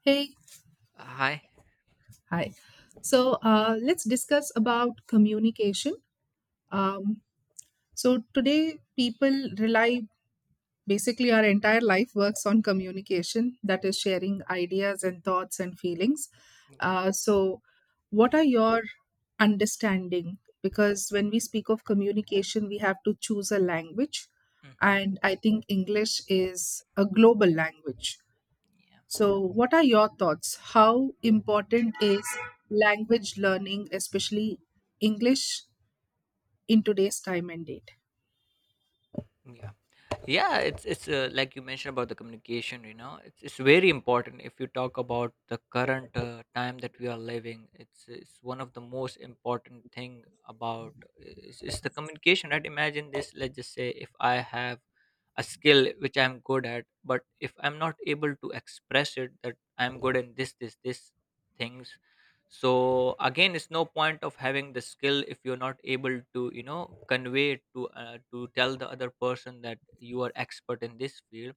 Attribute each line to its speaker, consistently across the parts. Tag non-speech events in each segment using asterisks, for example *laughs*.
Speaker 1: Hey,
Speaker 2: Hi.
Speaker 1: hi. So, let's discuss about communication.
Speaker 2: Yeah.
Speaker 1: Um, so today, people rely basically our entire life works on communication, that is sharing ideas and thoughts and feelings.
Speaker 2: Yeah.
Speaker 1: Uh, so, what are your understanding? Because when we speak of communication, we have to choose a language,
Speaker 2: hmm
Speaker 1: and I think English is a global language.
Speaker 2: Yeah.
Speaker 1: So, what are your thoughts? How important is language learning, especially English, in today's time and day?
Speaker 2: Yeah. Yeah. It's Like you mentioned about the communication, you know, it's very important. If you talk about the current time that we are living, it's one of the most important thing about is the communication. Right? Imagine this. Let's just say if I have a skill which I'm good at, but if I'm not able to express it that I'm good in this things, so again it's no point of having the skill if you're not able to, you know, convey it to tell the other person that you are expert in this field.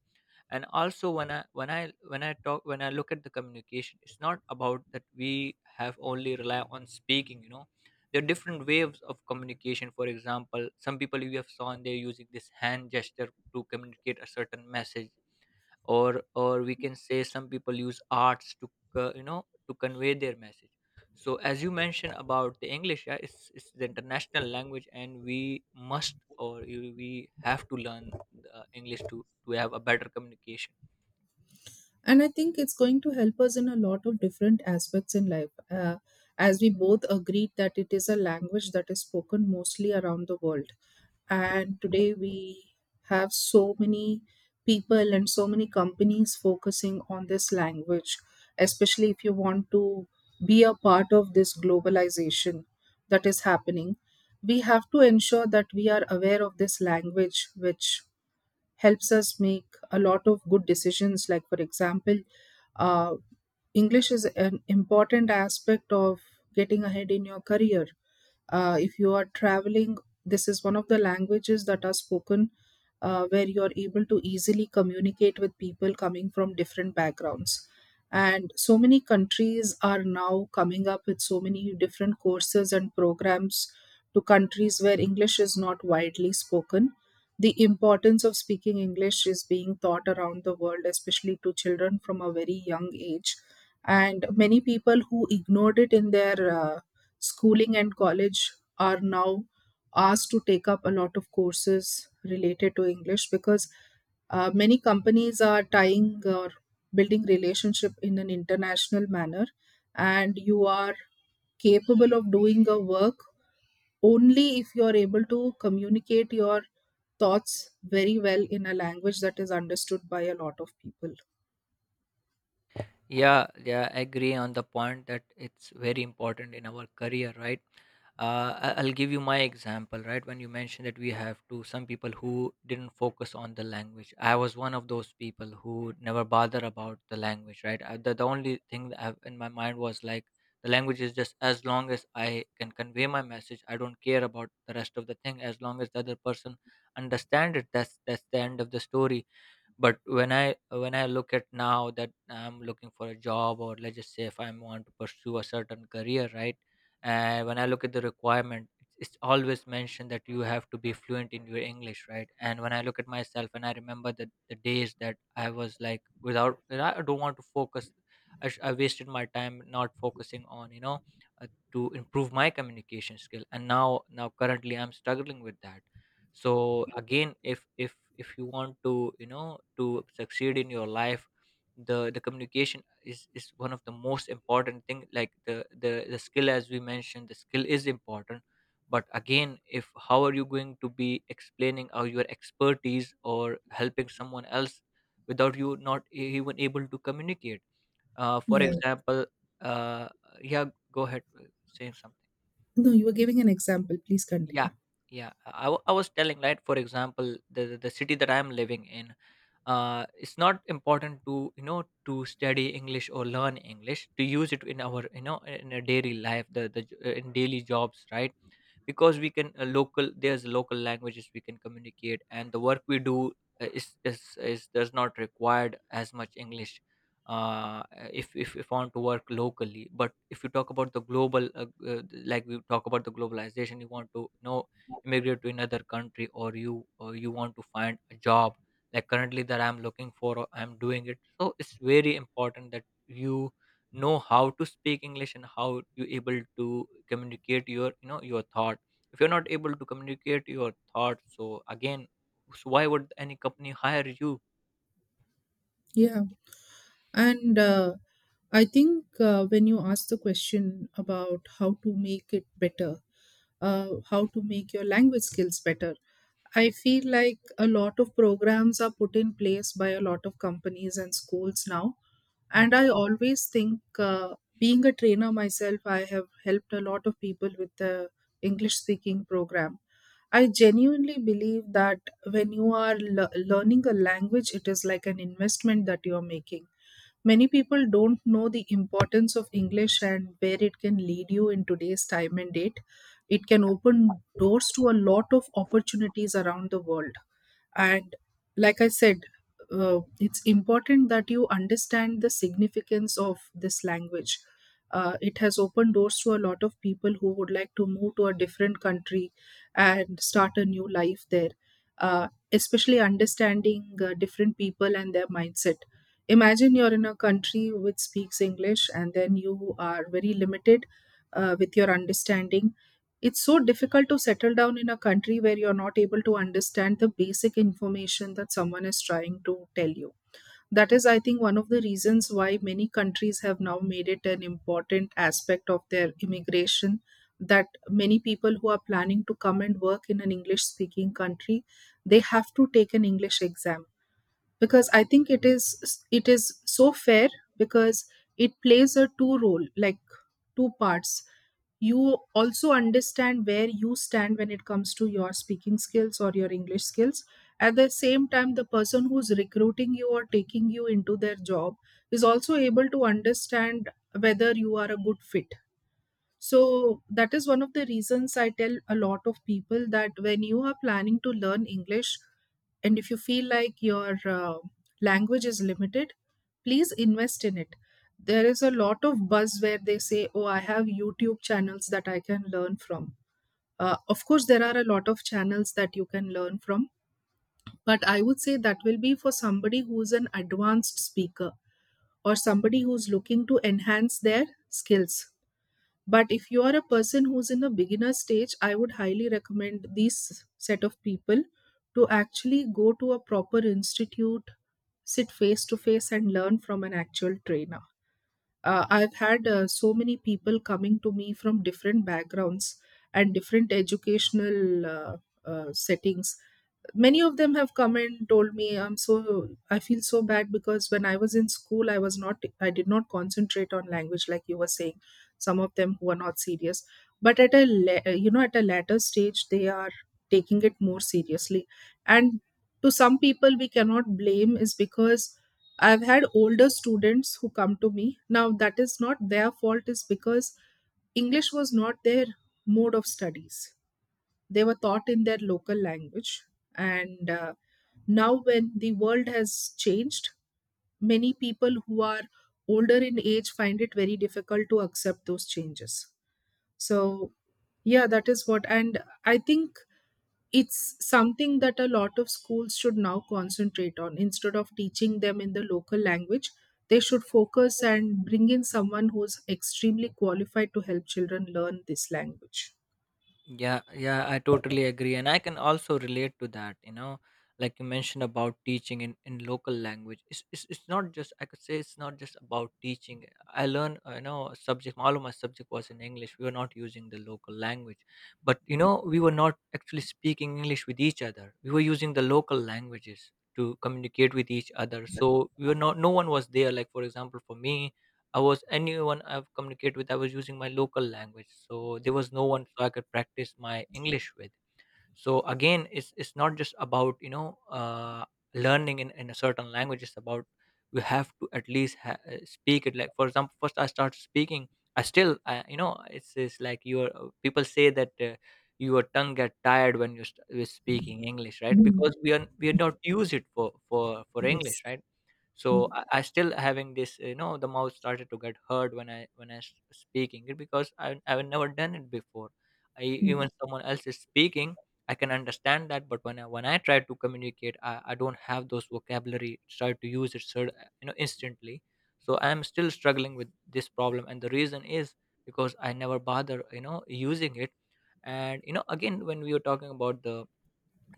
Speaker 2: And also when I when I when I talk when I look at the communication, it's not about that we have only rely on speaking, you know, there are different waves of communication. For example, some people we have seen they're using this hand gesture to communicate a certain message, or we can say some people use arts to you know, to convey their message. So as you mentioned about the English, yeah, it's the international language, and we must or we have to learn English to have a better communication.
Speaker 1: And I think it's going to help us in a lot of different aspects in life, as we both agreed that it is a language that is spoken mostly around the world. And today we have so many people and so many companies focusing on this language, especially if you want to be a part of this globalization that is happening. We have to ensure that we are aware of this language, which helps us make a lot of good decisions, like for example, uh, English is an important aspect of getting ahead in your career. If you are traveling, this is one of the languages that are spoken, where you are able to easily communicate with people coming from different backgrounds. And so many countries are now coming up with so many different courses and programs to countries where English is not widely spoken. The importance of speaking English is being taught around the world, especially to children from a very young age, and many people who ignored it in their schooling and college are now asked to take up a lot of courses related to English, because many companies are tying or building relationship in an international manner, and you are capable of doing a work only if you are able to communicate your thoughts very well in a language that is understood by a lot of people.
Speaker 2: Yeah, yeah, I agree on the point that it's very important in our career, right? I'll give you my example, right? When you mentioned that we have to some people who didn't focus on the language, I was one of those people who never bother about the language, right? The only thing that I have in my mind was like the language is just as long as I can convey my message, I don't care about the rest of the thing. As long as the other person understand it, that's the end of the story. But when I look at now that I'm looking for a job, or let's just say if I want to pursue a certain career, right? And when I look at the requirement, it's always mentioned that you have to be fluent in your English, right? And when I look at myself, and I remember the days that I was like without, that I don't want to focus. I wasted my time not focusing on, you know, uh, to improve my communication skill. And now currently I'm struggling with that. So again, if you want to, you know, to succeed in your life, the communication is one of the most important thing, like the skill. As we mentioned, the skill is important, but again, if how are you going to be explaining or your expertise or helping someone else without you not even able to communicate? For
Speaker 1: Yeah.
Speaker 2: example, uh, yeah, go ahead, say something.
Speaker 1: No, you were giving an example, please
Speaker 2: Yeah,
Speaker 1: continue.
Speaker 2: yeah. I was telling, right? For example, the city that I am living in, it's not important to, you know, to study English or learn English to use it in our, you know, in a daily life. In daily jobs, right? Because we can local there's local languages we can communicate, and the work we do is does not required as much English. uh if I want to work locally, but if you talk about the global, uh, like we talk about the globalization, you want to, you know, immigrate to another country, or you want to find a job, like currently that I'm looking for or I'm doing it. So it's very important that you know how to speak English and how you able to communicate your, you know, your thought. If you're not able to communicate your thoughts, so again, so why would any company hire you?
Speaker 1: Yeah. And I think, when you ask the question about how to make it better, how to make your language skills better, I feel like a lot of programs are put in place by a lot of companies and schools now.
Speaker 2: Hmm.
Speaker 1: And I always think, being a trainer myself, I have helped a lot of people with the English speaking program. I genuinely believe that when you are learning a language, it is like an investment that you are making. Many people don't know the importance of English and where it can lead you in today's time and date. It can open doors to a lot of opportunities around the world. And like I said, it's important that you understand the significance of this language. It has opened doors to a lot of people who would like to move to a different country and start a new life there, especially understanding different people and their mindset. Imagine you're in a country which speaks English and then you are very limited with your understanding. It's so difficult to settle down in a country where you're not able to understand the basic information that someone is trying to tell you. That is, I think, one of the reasons why many countries have now made it an important aspect of their immigration, that many people who are planning to come and work in an English speaking country, they have to take an English exam. Because I think it is, it is so fair, because it plays a two role, like two parts. You also understand where you stand when it comes to your speaking skills or your English skills. At the same time, the person who's recruiting you or taking you into their job is also able to understand whether you are a good fit. So that is one of the reasons I tell a lot of people that when you are planning to learn English, and if you feel like your language is limited, please invest in it. There is a lot of buzz where they say, "Oh, I have YouTube channels that I can learn from." Of course, there are a lot of channels that you can learn from, but I would say that will be for somebody who's an advanced speaker or somebody who's looking to enhance their skills. But if you are a person who's in a beginner stage, I would highly recommend these set of people to actually go to a proper institute, sit face to face and learn from an actual trainer. I've had so many people coming to me from different backgrounds and different educational settings. Many of them have come and told me, I'm so, I feel so bad because when I was in school, I was not, I did not concentrate on language, like you were saying. Some of them who are not serious, but at a you know, at a later stage they are taking it more seriously. And to some people we cannot blame, is because I've had older students who come to me now, that is not their fault, is because English was not their mode of studies, they were taught in their local language. And now, when the world has changed, many people who are older in age find it very difficult to accept those changes. So, yeah, that is what. And I think it's something that a lot of schools should now concentrate on. Instead of teaching them in the local language, they should focus and bring in someone who's extremely qualified to help children learn this language.
Speaker 2: Yeah, yeah, I totally agree. And I can also relate to that, you know, like you mentioned about teaching in, local language. It's not just, I could say it's not just about teaching. I learned, you know, a subject, all of my subject was in English. We were not using the local language. But, you know, we were not actually speaking English with each other. We were using the local languages to communicate with each other. So we were not, no one was there. Like, for example, for me, I was anyone I've communicated with, I was using my local language. So there was no one so I could practice my English with. So again, it's not just about, you know, learning in, a certain language. It's about you have to at least speak it. Like for example, first I start speaking. You know, it's like your people say that. Your tongue get tired when you're, you're speaking English, right?
Speaker 1: Mm,
Speaker 2: Because we are not use it for for English,
Speaker 1: yes.
Speaker 2: right? So
Speaker 1: Mm,
Speaker 2: I still having this, you know, the mouth started to get hurt when I speaking it because I've never done it before.
Speaker 1: mm.
Speaker 2: Even someone else is speaking, I can understand that, but when I try to communicate, I don't have those vocabulary try to use it you know, instantly. So I'm still struggling with this problem, and the reason is because I never bother, you know, using it. And you know, again, when we were talking about the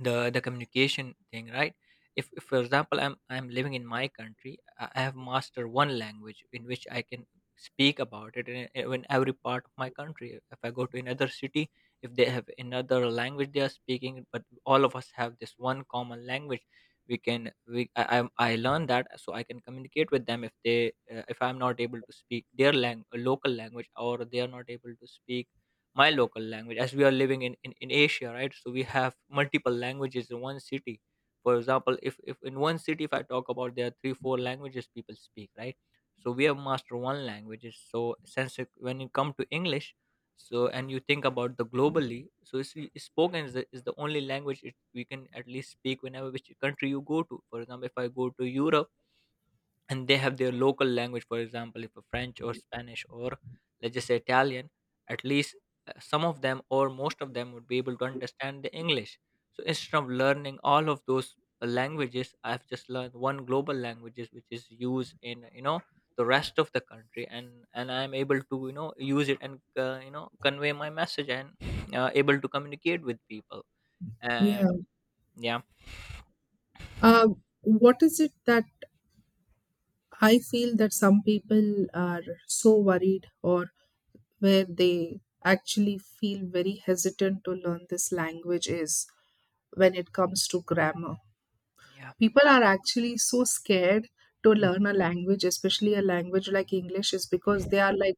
Speaker 2: the communication thing, right? If for example I'm living in my country, I have mastered one language in which I can speak about it in every part of my country. If I go to another city, if they have another language they are speaking, but all of us have this one common language. We can we i i, I learn that so I can communicate with them. If they if I'm not able to speak their local language, or they are not able to speak my local language, as we are living in Asia, right? So we have multiple languages in one city. For example, if in one city, if I talk about there are 3 or 4 languages people speak, right? So we have mastered one languages. So since when you come to English, so and you think about the globally, so it's spoken is is the only language it, we can at least speak whenever which country you go to. For example, if I go to Europe and they have their local language, for example, if a French or Spanish or let's just say Italian, at least some of them or most of them would be able to understand the English. So instead of learning all of those languages, I've just learned one global languages which is used in, you know, the rest of the country, and I'm able to, you know, use it and you know, convey my message and able to communicate with people
Speaker 1: Yeah.
Speaker 2: and yeah.
Speaker 1: What is it that I feel that some people are so worried or where they actually feel very hesitant to learn this language is when it comes to grammar.
Speaker 2: Yeah.
Speaker 1: People are actually so scared to
Speaker 2: Mm,
Speaker 1: learn a language, especially a language like English, is because they are like,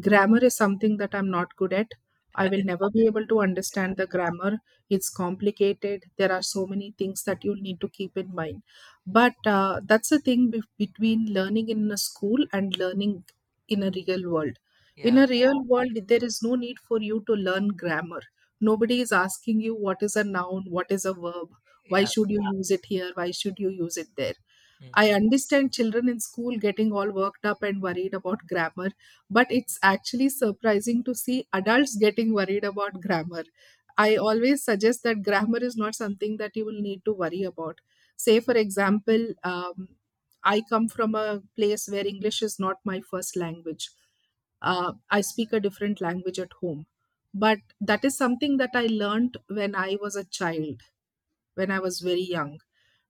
Speaker 1: grammar is something that I'm not good at, I will never be able to understand the grammar, it's complicated, there are so many things that you'll need to keep in mind. But that's the thing, between learning in a school and learning in a real world. In
Speaker 2: yeah.
Speaker 1: a real world, there is no need for you to learn grammar. Nobody is asking you, what is a noun, what is a verb, why
Speaker 2: Yeah.
Speaker 1: should you use it here, why should you use it there. I
Speaker 2: Mhm.
Speaker 1: understand children in school getting all worked up and worried about grammar, but it's actually surprising to see adults getting worried about grammar. I always suggest that grammar is not something that you will need to worry about. Say, for example, I come from a place where English is not my first language, I speak a different language at home. But that is something that I learned when I was a child, when I was very young.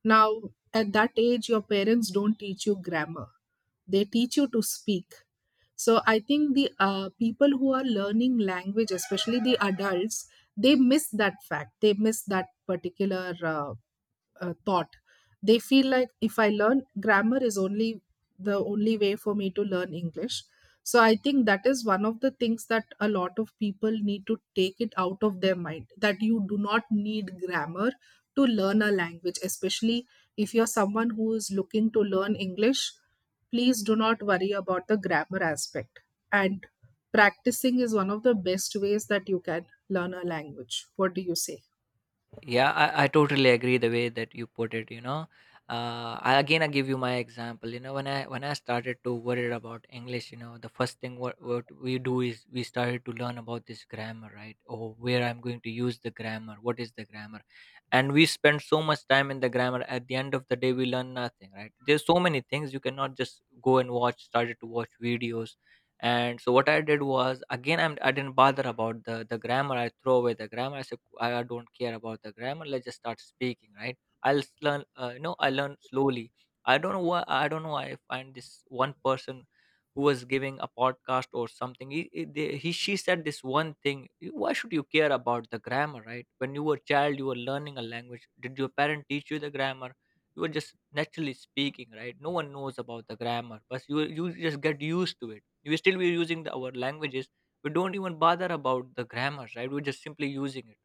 Speaker 1: Now, at that age, your parents don't teach you grammar, they teach you to speak. So, I think the people who are learning language, especially the adults, they miss that fact. They miss that particular thought. They feel like, if I learn grammar, is only the only way for me to learn English. So I think that is one of the things that a lot of people need to take it out of their mind, that you do not need grammar to learn a language, especially if you're someone who is looking to learn English, please do not worry about the grammar aspect. And practicing is one of the best ways that you can learn a language. What do you say?
Speaker 2: Yeah, I totally agree the way that you put it, you know, again I give you my example, you know, when I started to worry about English, you know, the first thing what we do is we started to learn about this grammar, right? Or where I'm going to use the grammar, what is the grammar. And we spend so much time in the grammar, at the end of the day we learn nothing, right? There's so many things. You cannot just go and watch started to watch videos. And so what I did was again I didn't bother about the grammar. I throw away the grammar. I said I don't care about the grammar. Let's just start speaking, right? Learn. You know, I learn slowly. I don't know why. I don't know why I find this one person who was giving a podcast or something. He, they- he she said this one thing. Why should you care about the grammar, right? When you were a child, you were learning a language. Did your parent teach you the grammar? You were just naturally speaking, right? No one knows about the grammar, but you just get used to it. We still we using our languages. We don't even bother about the grammars, right? We're just simply using it,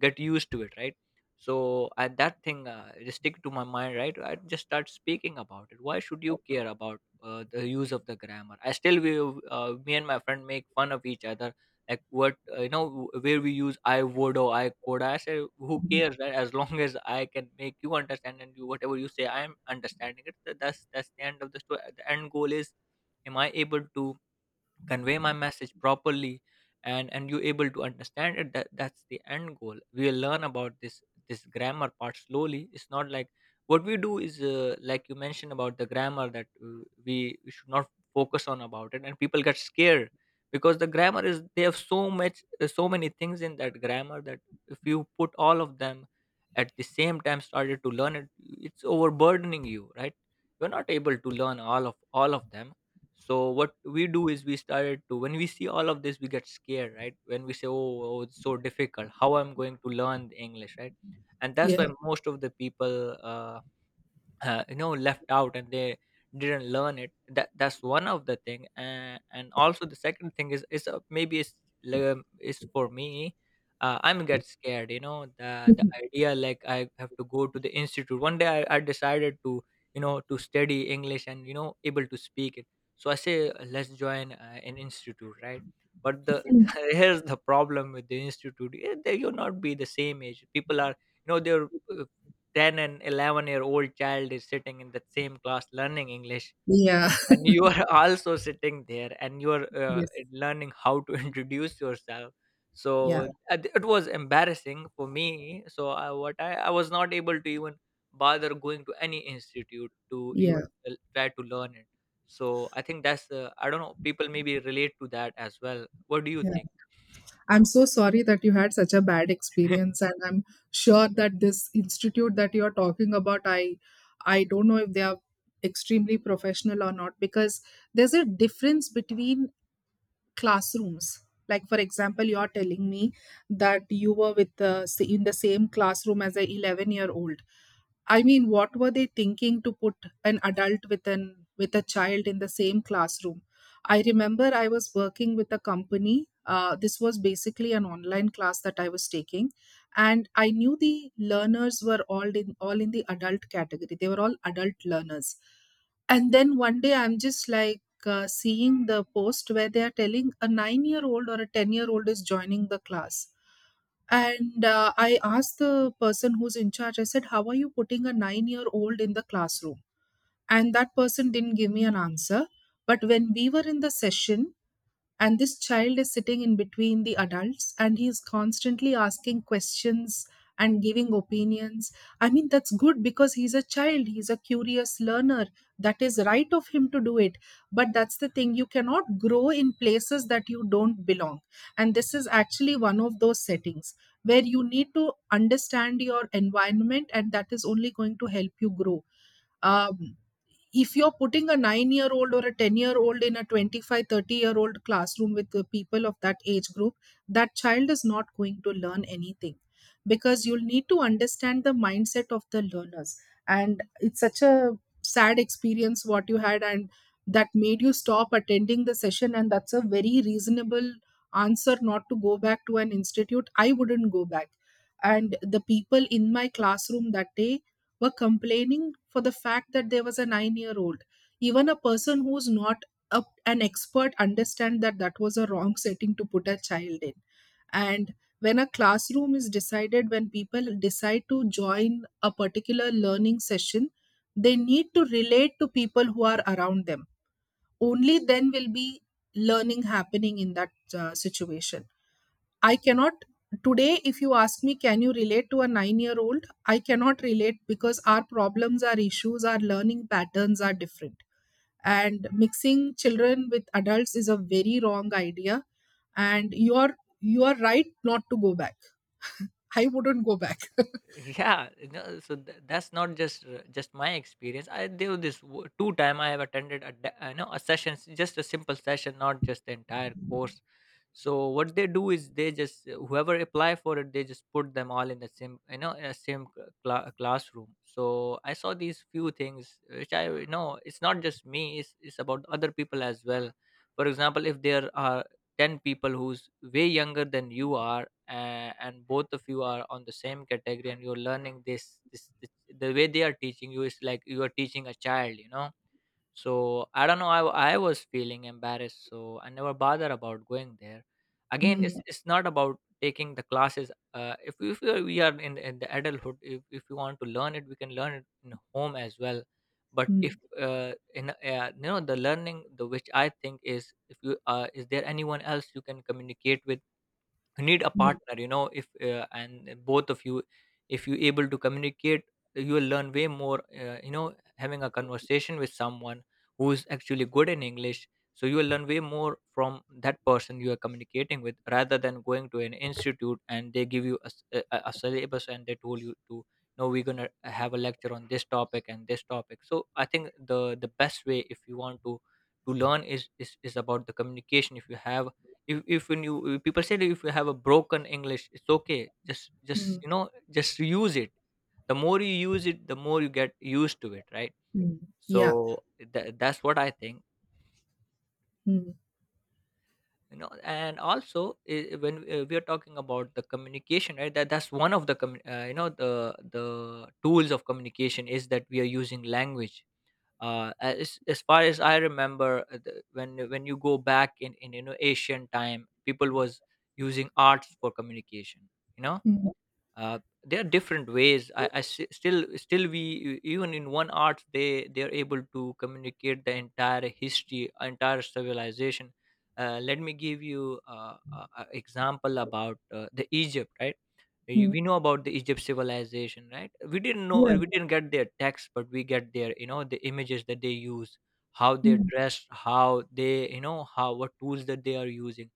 Speaker 2: get used to it, right? So at that thing, it stick to my mind, right? I just start speaking about it. Why should you care about the use of the grammar? I still we me and my friend make fun of each other, like what, you know, where we use I would or I could, I say who cares, right? As long as I can make you understand and you, whatever you say, I am understanding it. That's the end of the story. The end goal is, am I able to convey my message properly, and you able to understand it? That's the end goal. We'll learn about this, this grammar part, slowly. It's not like what we do is, like you mentioned about the grammar, that we should not focus on about it, and people get scared, because the grammar is, they have so much, so many things in that grammar that if you put all of them at the same time started to learn it, it's overburdening you, right? You're not able to learn all of them. So what we do is, we started to, when we see all of this we get scared, right? When we say, oh, it's so difficult, how I'm going to learn the English, right? And that's
Speaker 1: Yeah.
Speaker 2: why most of the people, you know, left out, and they didn't learn it. That's one of the thing. And also the second thing is, maybe it's like, is for me, I'm get scared, you know, the
Speaker 1: *laughs*
Speaker 2: idea like I have to go to the institute one day. I decided to, you know, to study English and, you know, able to speak it. So I say, Let's join an institute, right?" But the *laughs* here's the problem with the institute. They, you'll not be the same age. People are, you know, they're, 10 and 11-year-old child is sitting in that same class learning English,
Speaker 1: Yeah.
Speaker 2: and you are *laughs* also sitting there, and you are,
Speaker 1: Yes.
Speaker 2: learning how to *laughs* introduce yourself. So,
Speaker 1: Yeah,
Speaker 2: it was embarrassing for me. So, I, what I was not able to even bother going to any institute to
Speaker 1: yeah,
Speaker 2: even l try to learn it. So, I think that's, I don't know, people maybe relate to that as well. What do you
Speaker 1: yeah.
Speaker 2: think?
Speaker 1: I'm so sorry that you had such a bad experience, and I'm sure that this institute that you're talking about, I don't know if they are extremely professional or not, because there's a difference between classrooms. Like for example, you're telling me that you were with the, in the same classroom as a 11-year old. I mean, what were they thinking to put an adult with an with a child in the same classroom? I remember I was working with a company, this was basically an online class that I was taking, and I knew the learners were all in the adult category, they were all adult learners. And then one day I'm just like, seeing the post where they are telling a 9-year old or a 10-year-old is joining the class. And I asked the person who's in charge, I said, "How are you putting a 9-year old in the classroom?" And that person didn't give me an answer. But when we were in the session, and this child is sitting in between the adults and he is constantly asking questions and giving opinions. I mean, that's good because he's a child, he's a curious learner. That is right of him to do it. But that's the thing, you cannot grow in places that you don't belong. And this is actually one of those settings where you need to understand your environment and that is only going to help you grow. um, if you're putting a 9-year-old or a 10-year-old in a 25-30 year old classroom with the people of that age group, that child is not going to learn anything because you'll need to understand the mindset of the learners. And it's such a sad experience what you had, and that made you stop attending the session, and that's a very reasonable answer not to go back to an institute. I wouldn't go back. And the people in my classroom that day were complaining for the fact that there was a 9-year old. Even a person who's not an expert understand that that was a wrong setting to put a child in. And when a classroom is decided, when people decide to join a particular learning session, they need to relate to people who are around them. Only then will be learning happening in that situation. I cannot. Today, if you ask me, can you relate to a 9-year old? I cannot relate because our problems, our issues, our learning patterns are different. And mixing children with adults is a very wrong idea. And you are right not to go back. I wouldn't go back. *laughs*
Speaker 2: Yeah, no, so that's not just, just my experience. I do this, two time. I have attended a, you know, a session, just a simple session, not just the entire course. So what they do is, they just, whoever apply for it, they just put them all in the same, you know, in a same classroom. So I saw these few things which, I, you know, it's not just me, it's about other people as well. For example, if there are 10 people who's way younger than you are, and both of you are on the same category, and you're learning this, the way they are teaching you is like you are teaching a child, you know. So I don't know, I was feeling embarrassed, so I never bother about going there again.
Speaker 1: Mm.
Speaker 2: It's not about taking the classes, if, if we are in the adulthood, if we want to learn it, we can learn it in home as well. But if,
Speaker 1: Mm.
Speaker 2: in, you know, the learning, the, which I think is, if you, is there anyone else you can communicate with? You need a
Speaker 1: Mm.
Speaker 2: partner, you know, if, and both of you, if you able to communicate, you will learn way more, you know, having a conversation with someone who is actually good in English. So you will learn way more from that person you are communicating with, rather than going to an institute and they give you a, a syllabus, and they told you to, no, we're going to have a lecture on this topic and this topic. So I think the best way, if you want to learn, is is about the communication. If you have, if when you, if people said, if you have a broken English, it's okay, just,
Speaker 1: Mm.
Speaker 2: you know, just use it. The more you use it, the more you get used to it, right?
Speaker 1: Mm. Yeah.
Speaker 2: So that's what I think.
Speaker 1: Mm.
Speaker 2: You know, and also, we are talking about the communication, right? That's one of the you know, the tools of communication, is that we are using language. As far as I remember, when, you go back in, you know, ancient time, people was using arts for communication, you know.
Speaker 1: Mm.
Speaker 2: uh, there are different ways. I still we, even in one art, they are able to communicate the entire history, entire civilization. Let me give you an example about, the Egypt, right?
Speaker 1: Mm.
Speaker 2: We know about the Egypt civilization, right? We didn't know,
Speaker 1: Yeah.
Speaker 2: we didn't get their text, but we get their, you know, the images that they use, how they
Speaker 1: Mm.
Speaker 2: dress, how they, you know, how, what tools that they are using.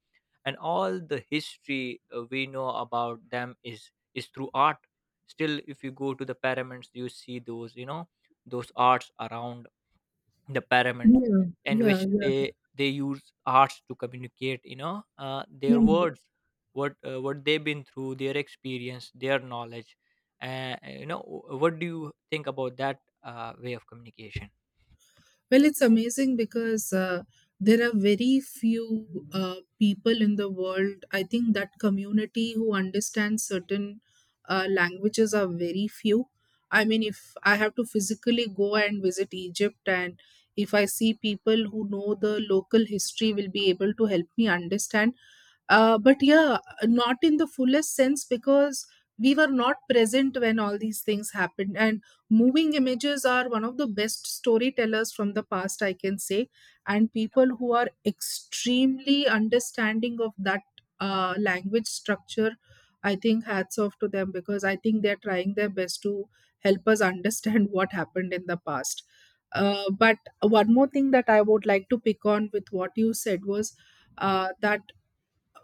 Speaker 2: And all the history, we know about them, is through art. Still, if you go to the pyramids, you see those, you know, those arts around the pyramids,
Speaker 1: Yeah,
Speaker 2: in
Speaker 1: yeah,
Speaker 2: which
Speaker 1: yeah.
Speaker 2: they use arts to communicate, you know, their
Speaker 1: Mm.
Speaker 2: words, what, what they've been through, their experience, their knowledge. You know, what do you think about that, way of communication?
Speaker 1: Well, it's amazing because there are very few people in the world. I think that community who understand certain languages are very few. I mean, if I have to physically go and visit Egypt, and if I see people who know the local history, will be able to help me understand. But yeah, not in the fullest sense because we were not present when all these things happened. And moving images are one of the best storytellers from the past, I can say. And people who are extremely understanding of that language structure, I think hats off to them because I think they're trying their best to help us understand *laughs* what happened in the past. But one more thing that I would like to pick on with what you said was that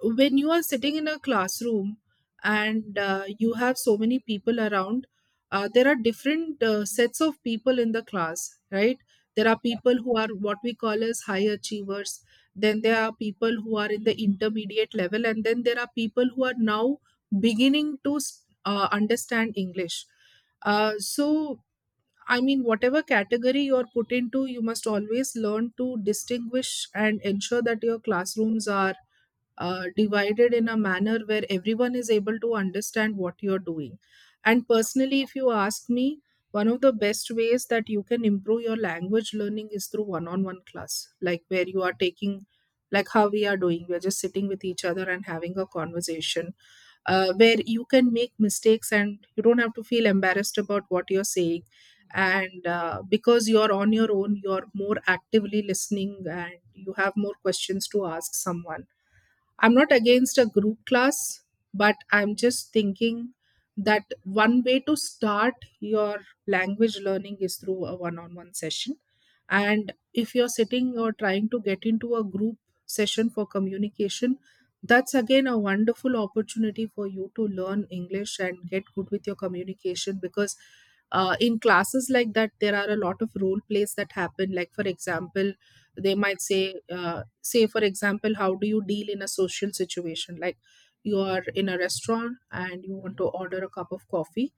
Speaker 1: when you are sitting in a classroom and you have so many people around, there are different sets of people in the class, right? There are people who are what we call as high achievers, then there are people who are in the intermediate level, and then there are people who are now beginning to understand English. So, I mean, whatever category you're put into, you must always learn to distinguish and ensure that your classrooms are divided in a manner where everyone is able to understand what you're doing. And personally, if you ask me, one of the best ways that you can improve your language learning is through one on one class, like where you are taking, like how we are doing, we're just sitting with each other and having a conversation where you can make mistakes and you don't have to feel embarrassed about what you're saying. And because you're on your own, you're more actively listening and you have more questions to ask someone. I'm not against a group class, but I'm just thinking that one way to start your language learning is through a one on one session. And if you're sitting or trying to get into a group session for communication, that's again a wonderful opportunity for you to learn English and get good with your communication because in classes like that, there are a lot of role plays that happen. Like, for example, they might say, say for example, how do you deal in a social situation, like you are in a restaurant and you want to
Speaker 2: Mhm.
Speaker 1: order a cup of coffee.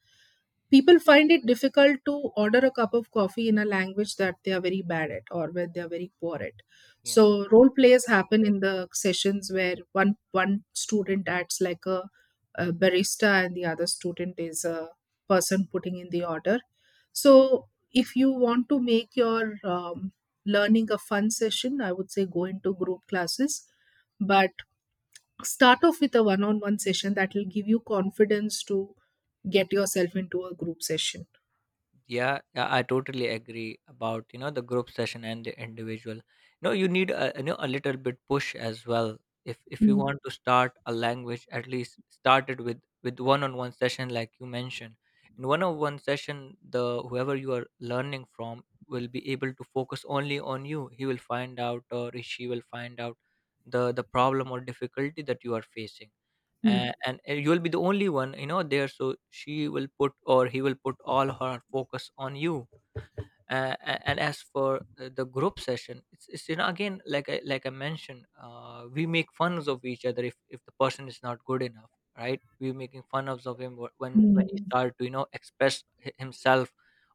Speaker 1: People find it difficult to order a cup of coffee in a language that they are very bad at or where they are very poor at.
Speaker 2: Yeah,
Speaker 1: So role plays happen in the sessions where one student acts like a barista and the other student is a person putting in the order. So if you want to make your learning a fun session, I would say go into group classes. But start off with a one on one session that will give you confidence to get yourself into a group session.
Speaker 2: yeah, yeah, I totally agree about, you know, the group session and the individual. You know, you need a, you know, a little bit push as well. If you
Speaker 1: Mm.
Speaker 2: want to start a language, at least start it with one on one session, like you mentioned. In one on one session, the whoever you are learning from will be able to focus only on you. He will find out, or she will find out, the problem or difficulty that you are facing.
Speaker 1: Mm.
Speaker 2: And you will be the only one, you know, there, so she will put, or he will put, all her focus on you. And as for, the group session, it's you know, again, like I, like I mentioned, we make fun of each other. If the person is not good enough, right, we're making fun of, him, when he
Speaker 1: Mm.
Speaker 2: start to, you know, express himself,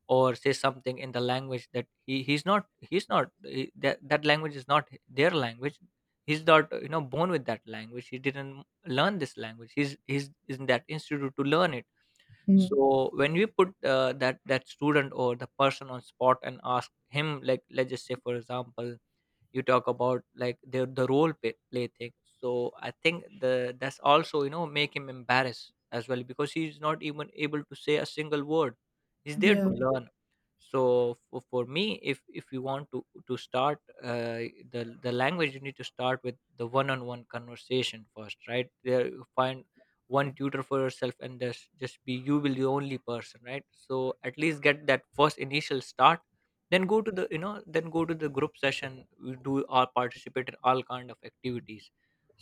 Speaker 2: or say something in the language that he he's not, he's not, that language is not their language. He's not, you know, born with that language, he didn't learn this language. He's in that institute to learn it.
Speaker 1: Mm.
Speaker 2: So when we put, that student or the person on spot, and ask him, like, let's just say, for example, you talk about like the play thing. So I think the that's also, you know, make him embarrassed as well, because he's not even able to say a single word. He's there to
Speaker 1: Yeah.
Speaker 2: learn. So for me, if you want to start, uh, the language, you need to start with the one-on-one conversation first, right? There you find one tutor for yourself, and just be, you will the only person, right? So at least get that first initial start, then go to the, you know, then go to the group session, we do, or participate in all kind of activities.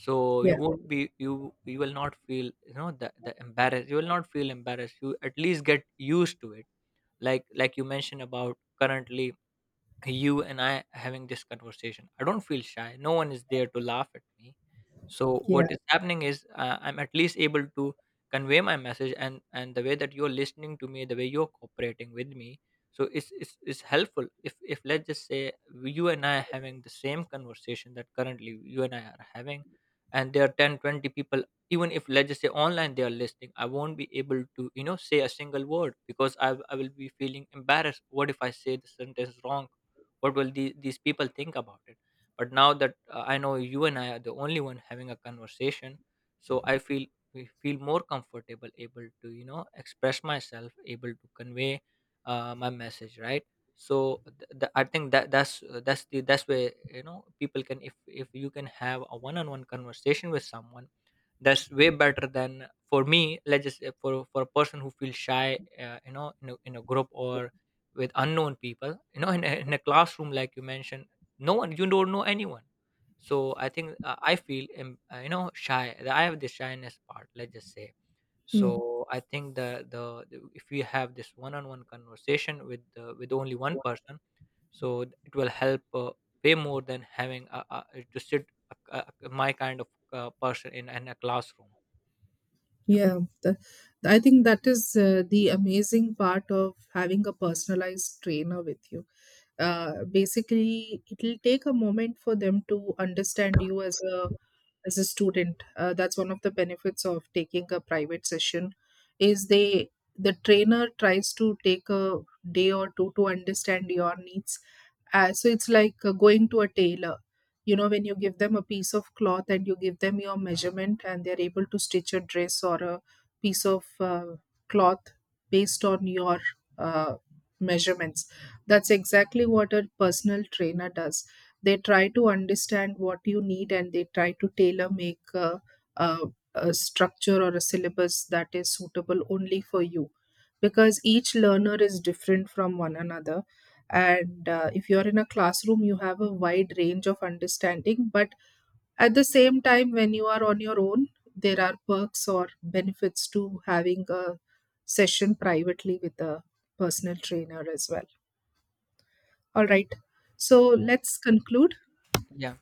Speaker 2: So
Speaker 1: Yeah.
Speaker 2: you won't be, you will not feel, you know, the embarrassed, you will not feel embarrassed, you at least get used to it. Like you mentioned about currently, you and I having this conversation, I don't feel shy. No one is there to laugh at me. So
Speaker 1: Yeah.
Speaker 2: what is happening is, I'm at least able to convey my message, and the way that you're listening to me, the way you're cooperating with me, so it's helpful. If let's just say, you and I are having the same conversation that currently you and I are having, and there are 10, 20 people, even if, let's just say, online they are listening, I won't be able to, you know, say a single word, because I will be feeling embarrassed. What if I say the sentence wrong? What will these people think about it? But now that, I know you and I are the only one having a conversation, so I feel, we feel more comfortable, able to, you know, express myself, able to convey, my message, right? So I think that's, that's the, that's where, you know, people can, if you can have a one-on-one conversation with someone, that's way better. Than for me, let's just say, for a person who feels shy, you know, in a group, or with unknown people, you know, in a classroom like you mentioned, no one, you don't know anyone. So I think, I feel, you know, shy, I have the shyness part, let's just say.
Speaker 1: Mm.
Speaker 2: So I think if we have this one-on-one conversation with, with only one person, so it will help, way more than having to sit, a, my kind of, person in a classroom. Yeah.
Speaker 1: Yeah. I think that is the amazing part of having a personalized trainer with you. Basically, it'll take a moment for them to understand you as a student. That's one of the benefits of taking a private session is they, the trainer tries to take a day or two to understand your needs. So it's like going to a tailor. You know, when you give them a piece of cloth and you give them your measurement and they're able to stitch a dress or a piece of cloth based on your uh, measurements. That's exactly what a personal trainer does. They try to understand what you need and they try to tailor make a, a structure or a syllabus that is suitable only for you because each learner is different from one another. And if you're in a classroom, you have a wide range of understanding. But at the same time, when you are on your own, there are perks or benefits to having a session privately with a personal trainer as well. All right, so let's conclude.
Speaker 2: Yeah.